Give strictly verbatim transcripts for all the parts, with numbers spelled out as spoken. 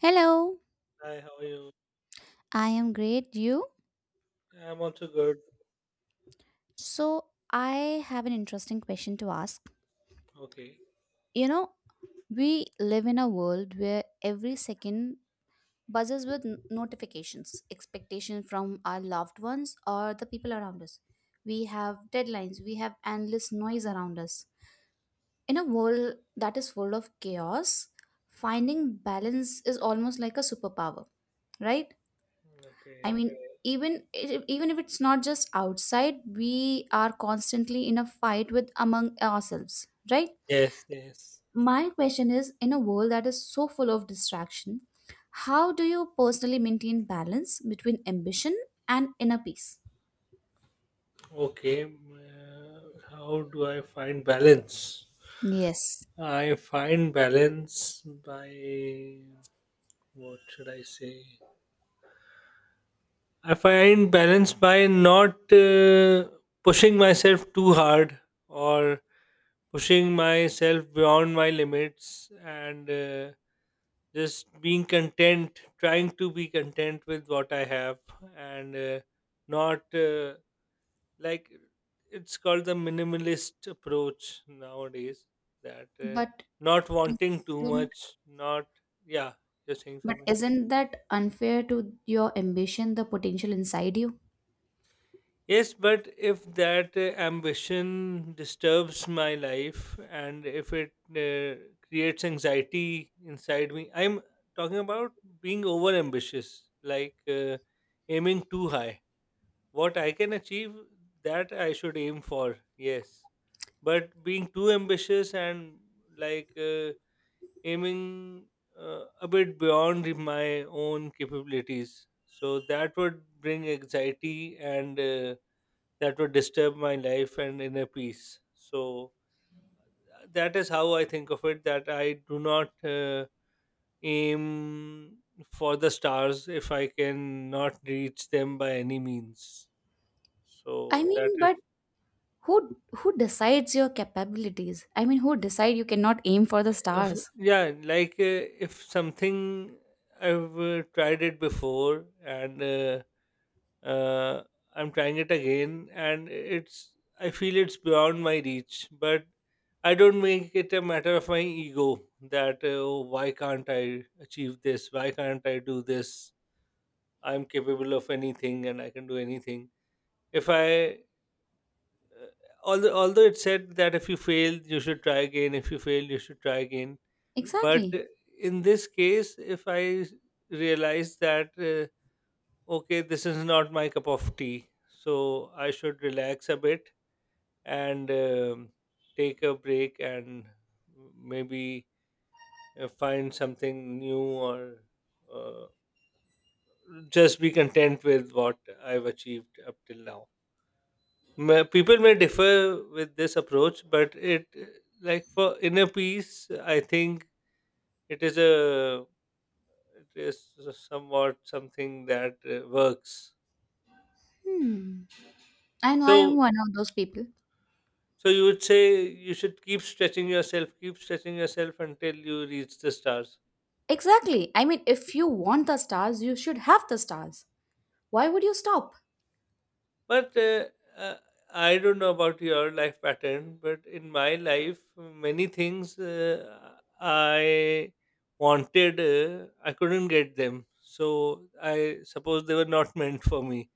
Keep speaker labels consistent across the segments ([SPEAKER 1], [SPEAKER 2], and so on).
[SPEAKER 1] Hello,
[SPEAKER 2] Hi, how are you?
[SPEAKER 1] I am great. You?
[SPEAKER 2] I'm also good.
[SPEAKER 1] So, I have an interesting question to ask.
[SPEAKER 2] Okay.
[SPEAKER 1] You know, we live in a world where every second buzzes with n- notifications, expectation from our loved ones or the people around us. We have deadlines, we have endless noise around us. In a world that is full of chaos, finding balance is almost like a superpower, right? I
[SPEAKER 2] Okay.
[SPEAKER 1] mean, even if- even if it's not just outside, we are constantly in a fight with among ourselves, right?
[SPEAKER 2] Yes, yes.
[SPEAKER 1] My question is, in a world that is so full of distraction, how do you personally maintain balance between ambition and inner peace?
[SPEAKER 2] Okay. Uh, how do I find balance?
[SPEAKER 1] Yes.
[SPEAKER 2] I find balance by what should I say? I find balance by not uh, pushing myself too hard or pushing myself beyond my limits and uh, just being content, trying to be content with what I have and uh, not uh, like it's called the minimalist approach nowadays that uh,
[SPEAKER 1] But
[SPEAKER 2] not wanting too
[SPEAKER 1] isn't
[SPEAKER 2] much, not, yeah, you're saying
[SPEAKER 1] but
[SPEAKER 2] something.
[SPEAKER 1] isn't that unfair to your ambition, the potential inside you?
[SPEAKER 2] Yes, but if that uh, ambition disturbs my life and if it uh, creates anxiety inside me, I'm talking about being over ambitious, like uh, aiming too high. What I can achieve, that I should aim for, yes. But being too ambitious and like uh, aiming uh, a bit beyond my own capabilities, so that would bring anxiety and. Uh, that would disturb my life and inner peace. So that is how I think of it. That I do not uh, aim for the stars if I can not reach them by any means.
[SPEAKER 1] I
[SPEAKER 2] So that
[SPEAKER 1] mean,
[SPEAKER 2] is
[SPEAKER 1] but who who decides your capabilities? I mean, who decide you cannot aim for the
[SPEAKER 2] if-
[SPEAKER 1] stars?
[SPEAKER 2] yeah, like uh, if something I've uh, tried it before and. Uh, uh, I'm trying it again, and it's I feel it's beyond my reach. But I don't make it a matter of my ego that uh, oh, why can't I achieve this? Why can't I do this? I'm capable of anything, and I can do anything. If I although although it said that if you fail, you should try again. If you fail, you should try again. But
[SPEAKER 1] Exactly.
[SPEAKER 2] uh, In this case, if I realize that uh, okay, this is not my cup of tea, so I should relax a bit and um take a break and maybe uh, find something new or uh, just be content with what I've achieved up till now. Ma- People may differ with this approach, but it uh, like for inner peace, I think it is a it is somewhat something that uh, works.
[SPEAKER 1] Hmm. And I am
[SPEAKER 2] So
[SPEAKER 1] one of those people.
[SPEAKER 2] so you would say you should keep stretching yourself, keep stretching yourself until you reach the stars.
[SPEAKER 1] Exactly. I mean, if you want the stars, you should have the stars. Why would you stop?
[SPEAKER 2] But uh, uh, I don't know about your life pattern, but in my life, many things uh, I wanted, uh, I couldn't get them. So I suppose they were not meant for me.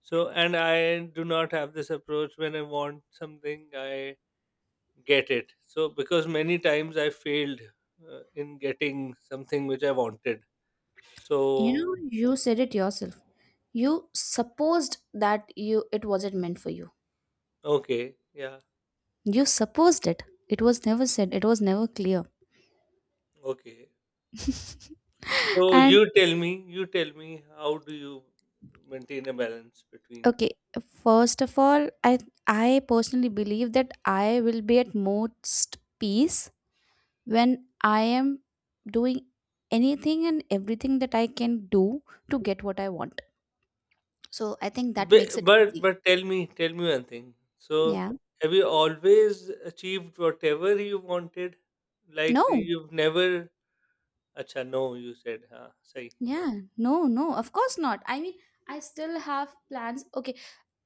[SPEAKER 2] So, and I do not have this approach when I want something, I get it. So, because many times I failed uh, in getting something which I wanted.
[SPEAKER 1] You
[SPEAKER 2] So,
[SPEAKER 1] know, you said it yourself. You supposed that you it wasn't meant for you.
[SPEAKER 2] okay, yeah,
[SPEAKER 1] You supposed it. It was never said. It was never clear.
[SPEAKER 2] okay. So you
[SPEAKER 1] And
[SPEAKER 2] tell me, you tell me, how do you maintain a balance between?
[SPEAKER 1] okay, first of all, I I personally believe that I will be at most peace when I am doing anything and everything that I can do to get what I want. So I think that
[SPEAKER 2] But
[SPEAKER 1] makes it
[SPEAKER 2] but,
[SPEAKER 1] easy.
[SPEAKER 2] but tell me, tell me one thing. So
[SPEAKER 1] Yeah.
[SPEAKER 2] have you always achieved whatever you wanted? Like
[SPEAKER 1] No.
[SPEAKER 2] you've never? Acha, no, you said, huh? Sorry.
[SPEAKER 1] Yeah. No, no. Of course not. I mean, I still have plans. Okay.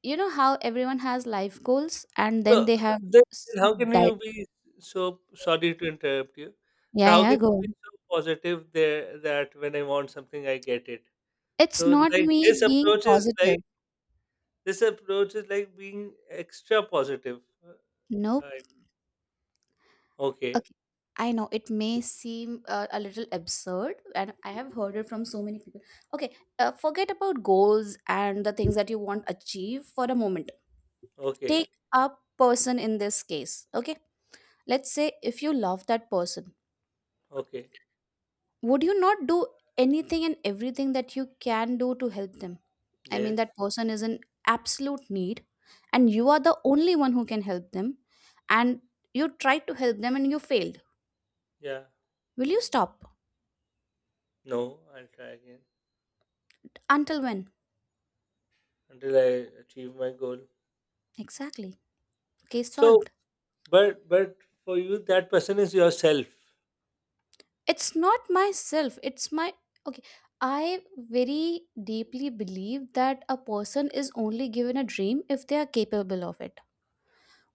[SPEAKER 1] You know how everyone has life goals and then
[SPEAKER 2] So
[SPEAKER 1] they have
[SPEAKER 2] then, then
[SPEAKER 1] set
[SPEAKER 2] how can you
[SPEAKER 1] diet.
[SPEAKER 2] be so sorry to interrupt you? So
[SPEAKER 1] Yeah,
[SPEAKER 2] how can
[SPEAKER 1] yeah, go
[SPEAKER 2] you be
[SPEAKER 1] on.
[SPEAKER 2] so positive there that when I want something, I get it?
[SPEAKER 1] It's
[SPEAKER 2] So
[SPEAKER 1] not
[SPEAKER 2] like
[SPEAKER 1] me
[SPEAKER 2] this
[SPEAKER 1] being
[SPEAKER 2] approach is like
[SPEAKER 1] positive.
[SPEAKER 2] This approach is like being extra positive. Uh,
[SPEAKER 1] Nope.
[SPEAKER 2] I, okay,
[SPEAKER 1] Okay. I know it may seem uh, a little absurd, and I have heard it from so many people. Okay, uh, forget about goals and the things that you want achieve for a moment.
[SPEAKER 2] okay,
[SPEAKER 1] Take a person in this case. Okay, let's say if you love that person,
[SPEAKER 2] okay.
[SPEAKER 1] would you not do anything and everything that you can do to help them? I mean,
[SPEAKER 2] Yes,
[SPEAKER 1] that person is in absolute need, and you
[SPEAKER 2] yes,
[SPEAKER 1] are the only one who can help them, and you tried to help them and you failed.
[SPEAKER 2] yeah.
[SPEAKER 1] Will you stop?
[SPEAKER 2] No, I'll try again
[SPEAKER 1] Until when?
[SPEAKER 2] until I achieve my goal.
[SPEAKER 1] Exactly. Okay,
[SPEAKER 2] So,
[SPEAKER 1] solved.
[SPEAKER 2] but but for you, that person is yourself.
[SPEAKER 1] It's not myself, it's my, okay, I very deeply believe that a person is only given a dream if they are capable of it.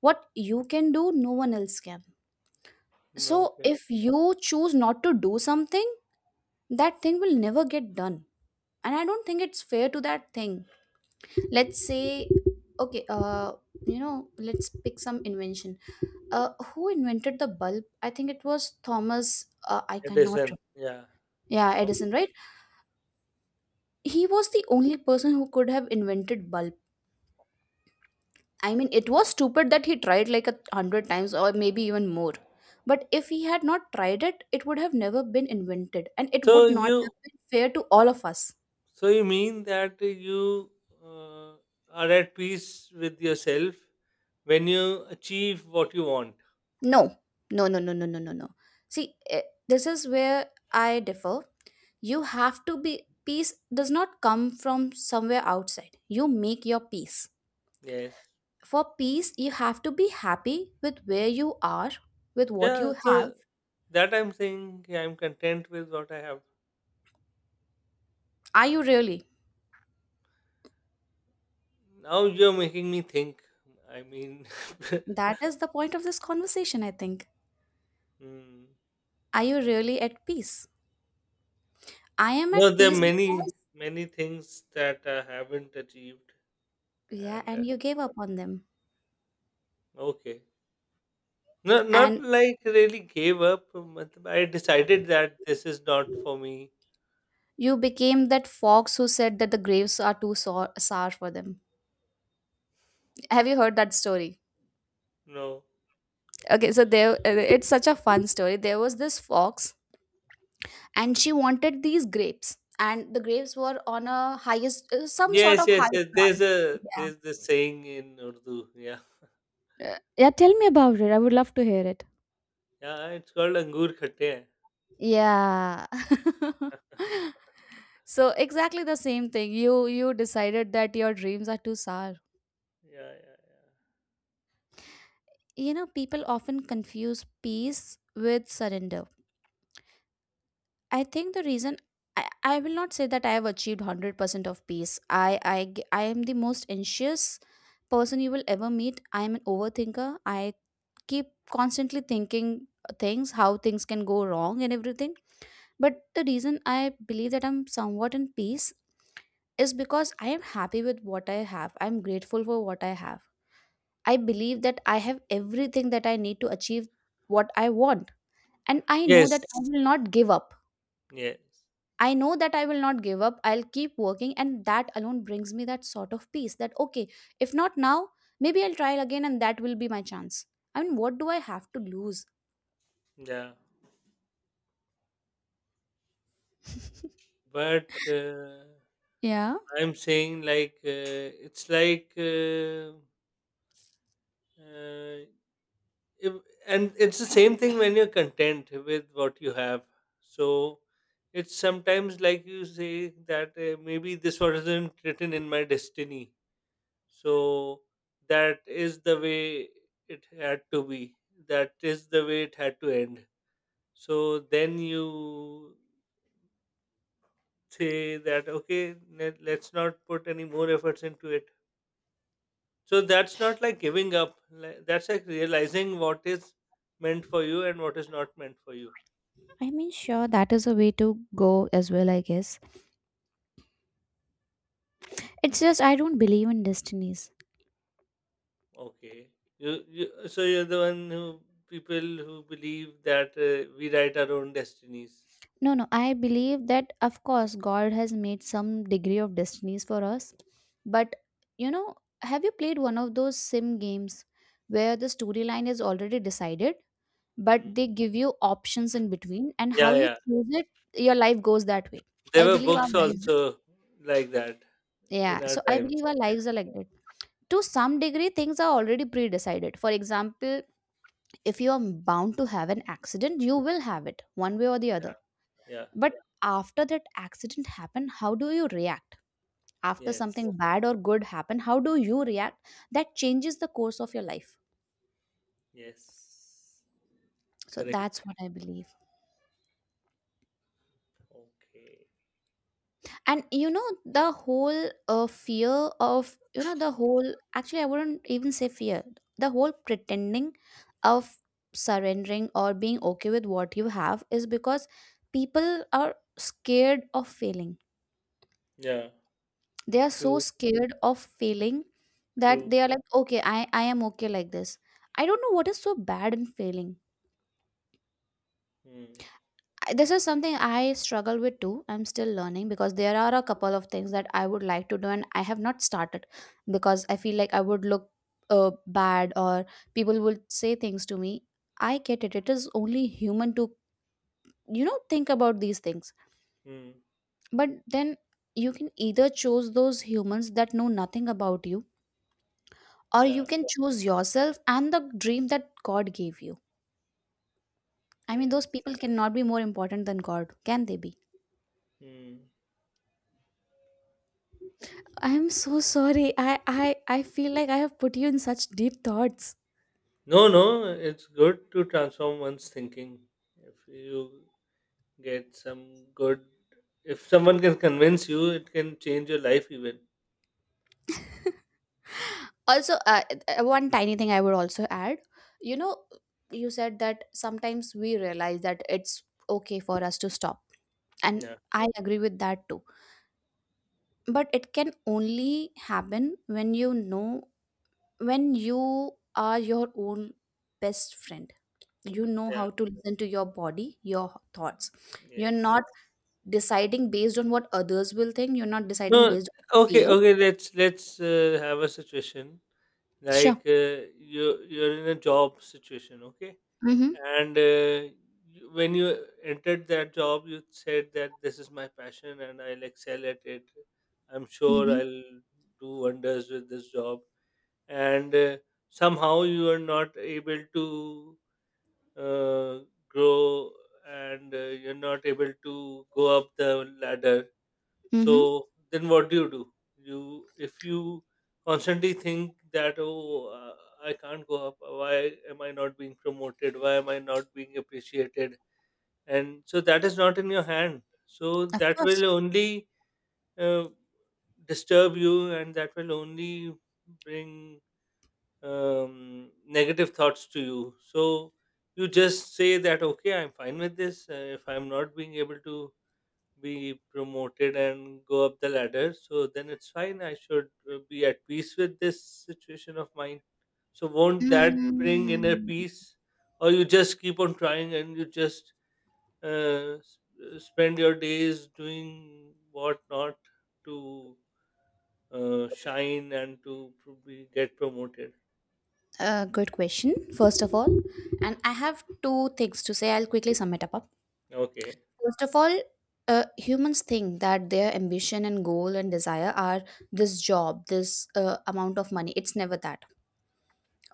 [SPEAKER 1] What you can do no one else can. So
[SPEAKER 2] No, okay,
[SPEAKER 1] if you choose not to do something, that thing will never get done, and I don't think it's fair to that thing. Let's say, okay, uh you know, let's pick some invention. Uh who invented the bulb? I think it was Thomas, uh, I
[SPEAKER 2] it
[SPEAKER 1] cannot
[SPEAKER 2] isn't.
[SPEAKER 1] remember.
[SPEAKER 2] Yeah.
[SPEAKER 1] Yeah,
[SPEAKER 2] Um,
[SPEAKER 1] Edison, right? He was the only person who could have invented bulb. I mean, it was stupid that he tried like a hundred times or maybe even more, but if he had not tried it, it would have never been invented and it
[SPEAKER 2] so
[SPEAKER 1] would not
[SPEAKER 2] you
[SPEAKER 1] have been fair to all of us.
[SPEAKER 2] so you mean that you uh, are at peace with yourself when you achieve what you want.
[SPEAKER 1] No, no, no, no, no, no, no, no. See, eh, this is where I differ. You have to be. Peace does not come from somewhere outside, you make your peace.
[SPEAKER 2] Yes.
[SPEAKER 1] For peace you have to be happy with where you are, with what
[SPEAKER 2] Yeah,
[SPEAKER 1] you have.
[SPEAKER 2] so that I'm saying yeah, I'm content with what I have.
[SPEAKER 1] Are you really?
[SPEAKER 2] Now you're making me think. I mean,
[SPEAKER 1] That is the point of this conversation, I think.
[SPEAKER 2] hmm.
[SPEAKER 1] Are you really at peace? I am at
[SPEAKER 2] No, there are
[SPEAKER 1] peace
[SPEAKER 2] many,
[SPEAKER 1] because,
[SPEAKER 2] many things that I haven't achieved,
[SPEAKER 1] yeah,
[SPEAKER 2] and uh,
[SPEAKER 1] and you gave up on them.
[SPEAKER 2] okay, no, not
[SPEAKER 1] And
[SPEAKER 2] like really gave up. Matlab I decided that this is not for me.
[SPEAKER 1] you became that fox who said that the graves are too sour, sour for them. Have you heard that story?
[SPEAKER 2] No,
[SPEAKER 1] Okay, so there, it's such a fun story. There was this fox, and she wanted these grapes, and the grapes were on a highest, uh, some sort
[SPEAKER 2] yes,
[SPEAKER 1] of
[SPEAKER 2] yes,
[SPEAKER 1] high
[SPEAKER 2] yes. There's
[SPEAKER 1] branch.
[SPEAKER 2] a
[SPEAKER 1] Yeah.
[SPEAKER 2] there's this saying in Urdu. Yeah,
[SPEAKER 1] Uh, Yeah, tell me about it. I would love to hear it.
[SPEAKER 2] yeah. It's called angur khatte. Hai."
[SPEAKER 1] Yeah. So exactly the same thing. You you decided that your dreams are too sour.
[SPEAKER 2] Yeah, yeah, yeah.
[SPEAKER 1] You know, people often confuse peace with surrender. I think the
[SPEAKER 2] Hmm.
[SPEAKER 1] reason, I, I will not say that I have achieved one hundred percent of peace. I, I, g- I am the most anxious person you will ever meet. I am an overthinker. I keep constantly thinking things, how things can go wrong and everything. But the reason I believe that I'm somewhat in peace is because I am happy with what I have. I'm grateful for what I have. I believe that I have everything that I need to achieve what I want. And I know
[SPEAKER 2] Yes,
[SPEAKER 1] that I will not give up.
[SPEAKER 2] yes.
[SPEAKER 1] I know that I will not give up. I'll keep working. And that alone brings me that sort of peace that, okay, if not now, maybe I'll try again and that will be my chance. I mean, what do I have to lose?
[SPEAKER 2] Yeah. But uh,
[SPEAKER 1] Yeah,
[SPEAKER 2] I'm saying like uh, it's like uh, uh, if, and it's the same thing when you're content with what you have. So it's sometimes like you say that uh, maybe this wasn't written in my destiny. So that is the way it had to be. That is the way it had to end. So then you say that okay, let, let's not put any more efforts into it. So that's not like giving up. like- That's like realizing what is meant for you and what is not meant for you.
[SPEAKER 1] I mean, sure, that is a way to go as well, I guess. It's just I don't believe in destinies.
[SPEAKER 2] Okay. You, you so you're the one who people who believe that uh, we write our own destinies.
[SPEAKER 1] No, no, I believe that of course God has made some degree of destinies for us. But you know, have you played one of those sim games where the storyline is already decided,
[SPEAKER 2] Hmm.
[SPEAKER 1] but they give you options in between and how
[SPEAKER 2] Yeah,
[SPEAKER 1] you
[SPEAKER 2] yeah.
[SPEAKER 1] choose it, your life goes that way.
[SPEAKER 2] There
[SPEAKER 1] I
[SPEAKER 2] were
[SPEAKER 1] believe our
[SPEAKER 2] books
[SPEAKER 1] lives.
[SPEAKER 2] also like that
[SPEAKER 1] Yeah,
[SPEAKER 2] in our
[SPEAKER 1] so I
[SPEAKER 2] times.
[SPEAKER 1] believe our
[SPEAKER 2] Yeah,
[SPEAKER 1] lives are like that. To some degree, things are already pre-decided. For example, if you are bound to have an accident, you will have it one way or the other.
[SPEAKER 2] yeah, yeah.
[SPEAKER 1] But after that accident happened, how do you react? After
[SPEAKER 2] Yes.
[SPEAKER 1] something bad or good happen, how do you react? That changes the course of your life.
[SPEAKER 2] Yes.
[SPEAKER 1] So
[SPEAKER 2] Correct.
[SPEAKER 1] that's what I believe.
[SPEAKER 2] Okay.
[SPEAKER 1] And you know, the whole uh, fear of, you know, the whole, actually, I wouldn't even say fear, the whole pretending of surrendering or being okay with what you have is because people are scared of failing,
[SPEAKER 2] Yeah.
[SPEAKER 1] they are so
[SPEAKER 2] True.
[SPEAKER 1] scared of failing that
[SPEAKER 2] True.
[SPEAKER 1] they are like, okay, i i am okay like this. I don't know what is so bad in failing.
[SPEAKER 2] Hmm.
[SPEAKER 1] I- this is something I struggle with too, I'm still learning, because there are a couple of things that I would like to do and I have not started because I feel like I would look uh, bad, or people will say things to me. I get it, it is only human to, you know, think about these things.
[SPEAKER 2] Hmm.
[SPEAKER 1] But then you can either choose those humans that know nothing about you, or you
[SPEAKER 2] Yeah.
[SPEAKER 1] can choose yourself and the dream that God gave you. I mean, those
[SPEAKER 2] Yes.
[SPEAKER 1] people cannot be more important than God, can they be?
[SPEAKER 2] Hmm.
[SPEAKER 1] I am so sorry. I I I feel like I have put you in such deep thoughts.
[SPEAKER 2] No, no, it's good to transform one's thinking. If you get some good, if someone can convince you, it can change your life even.
[SPEAKER 1] Also, uh, uh, one tiny thing I would also add, you know, you said that sometimes we realize that it's okay for us to stop. And
[SPEAKER 2] Yeah,
[SPEAKER 1] I agree with that too. But it can only happen when you know, when you are your own best friend. You know
[SPEAKER 2] yeah,
[SPEAKER 1] how to listen to your body, your thoughts. You're
[SPEAKER 2] yes.
[SPEAKER 1] not deciding based on what others will think, you're not deciding
[SPEAKER 2] No,
[SPEAKER 1] based on
[SPEAKER 2] okay,
[SPEAKER 1] fears.
[SPEAKER 2] okay. Let's let's uh, have a situation like
[SPEAKER 1] Sure.
[SPEAKER 2] uh, you you're in a job situation, okay?
[SPEAKER 1] Mm-hmm.
[SPEAKER 2] And uh, you- When you entered that job, you said that this is my passion and I'll excel at it. I'm sure
[SPEAKER 1] Mm-hmm.
[SPEAKER 2] I'll do wonders with this job and uh, somehow you are not able to uh, grow and uh, you're not able to go up the ladder,
[SPEAKER 1] Mm-hmm.
[SPEAKER 2] so then what do you do? You if you constantly think that oh uh, I can't go up, why am I not being promoted, why am I not being appreciated, and so that is not in your hand, so
[SPEAKER 1] Of
[SPEAKER 2] that
[SPEAKER 1] course.
[SPEAKER 2] will only uh, disturb you and that will only bring um, negative thoughts to you. So you just say that, okay, I'm fine with this. Uh, if I'm not being able to be promoted and go up the ladder, so then it's fine. I should uh, be at peace with this situation of mine. So won't that bring inner
[SPEAKER 1] mm
[SPEAKER 2] peace? Or you just keep on trying and you just uh, s- uh, spend your days doing what not to uh, shine and to pro- be- get promoted.
[SPEAKER 1] uh, good question, first of all, and I have two things to say, I'll quickly sum it up.
[SPEAKER 2] Okay.
[SPEAKER 1] First of all, uh, humans think that their ambition and goal and desire are this job, this uh, amount of money. It's never that.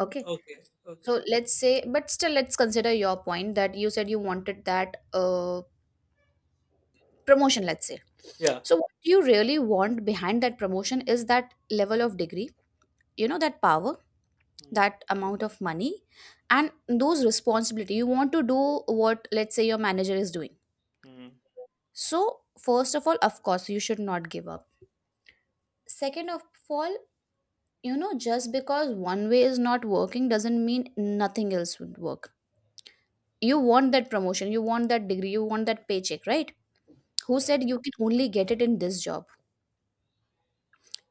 [SPEAKER 1] Okay.
[SPEAKER 2] Okay,
[SPEAKER 1] So
[SPEAKER 2] okay.
[SPEAKER 1] let's say, but still, let's consider your point that you said you wanted that uh, promotion, let's say.
[SPEAKER 2] Yeah.
[SPEAKER 1] So, what you really want behind that promotion is that level of degree, you know, that power,
[SPEAKER 2] Mm,
[SPEAKER 1] that amount of money, and those responsibility. You want to do what, let's say, your manager is doing.
[SPEAKER 2] mm,
[SPEAKER 1] So, first of all, of course, you should not give up. Second of all, you know, just because one way is not working doesn't mean nothing else would work. You want that promotion, you want that degree, you want that paycheck, right? Who
[SPEAKER 2] yeah.
[SPEAKER 1] said you can only get it in this job?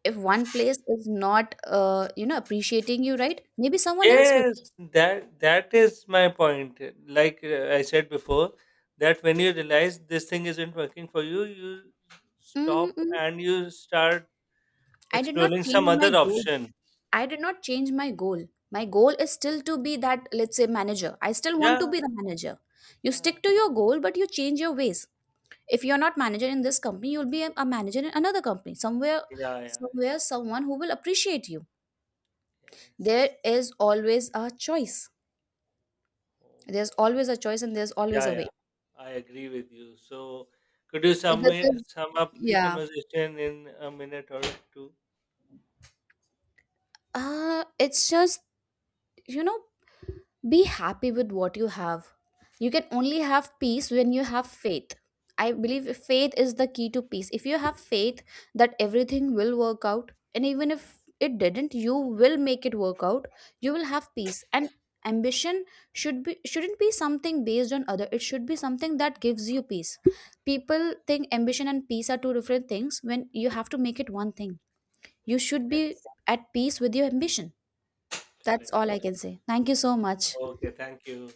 [SPEAKER 1] If one place is not, uh, you know, appreciating you, right, maybe someone else will.
[SPEAKER 2] Yes, that that is my point. Like uh, I said before, that when you realize this thing isn't working for you, you
[SPEAKER 1] Hmm,
[SPEAKER 2] stop
[SPEAKER 1] hmm.
[SPEAKER 2] and you start
[SPEAKER 1] I did not
[SPEAKER 2] exploring some
[SPEAKER 1] change my
[SPEAKER 2] other
[SPEAKER 1] goal.
[SPEAKER 2] option.
[SPEAKER 1] I did not change my goal. My goal is still to be that, let's say, manager. I still want to
[SPEAKER 2] Yeah,
[SPEAKER 1] be the manager. You
[SPEAKER 2] yeah, yeah,
[SPEAKER 1] stick to your goal but you change your ways. If you're not manager in this company, you'll be a, a manager in another company somewhere,
[SPEAKER 2] yeah, yeah, yeah.
[SPEAKER 1] somewhere someone who will appreciate you.
[SPEAKER 2] Yes.
[SPEAKER 1] There is always a choice.
[SPEAKER 2] Oh,
[SPEAKER 1] There's always a choice and there's always
[SPEAKER 2] yeah,
[SPEAKER 1] a way.
[SPEAKER 2] yeah. I agree with you. So, could you sum
[SPEAKER 1] this
[SPEAKER 2] it-
[SPEAKER 1] is
[SPEAKER 2] sum up the
[SPEAKER 1] yeah
[SPEAKER 2] conversation in a minute or two?
[SPEAKER 1] Uh, it's just, you know, be happy with what you have. You can only have peace when you have faith. I believe faith is the key to peace. If you have faith that everything will work out, and even if it didn't, you will make it work out. You will have peace. And ambition should be shouldn't be something based on other. It should be something that gives you peace. People think ambition and peace are two different things when you have to make it one thing. You should be
[SPEAKER 2] Yes.
[SPEAKER 1] at peace with your ambition. That's
[SPEAKER 2] Correct.
[SPEAKER 1] all I can say. Thank you so much.
[SPEAKER 2] Okay. Thank you.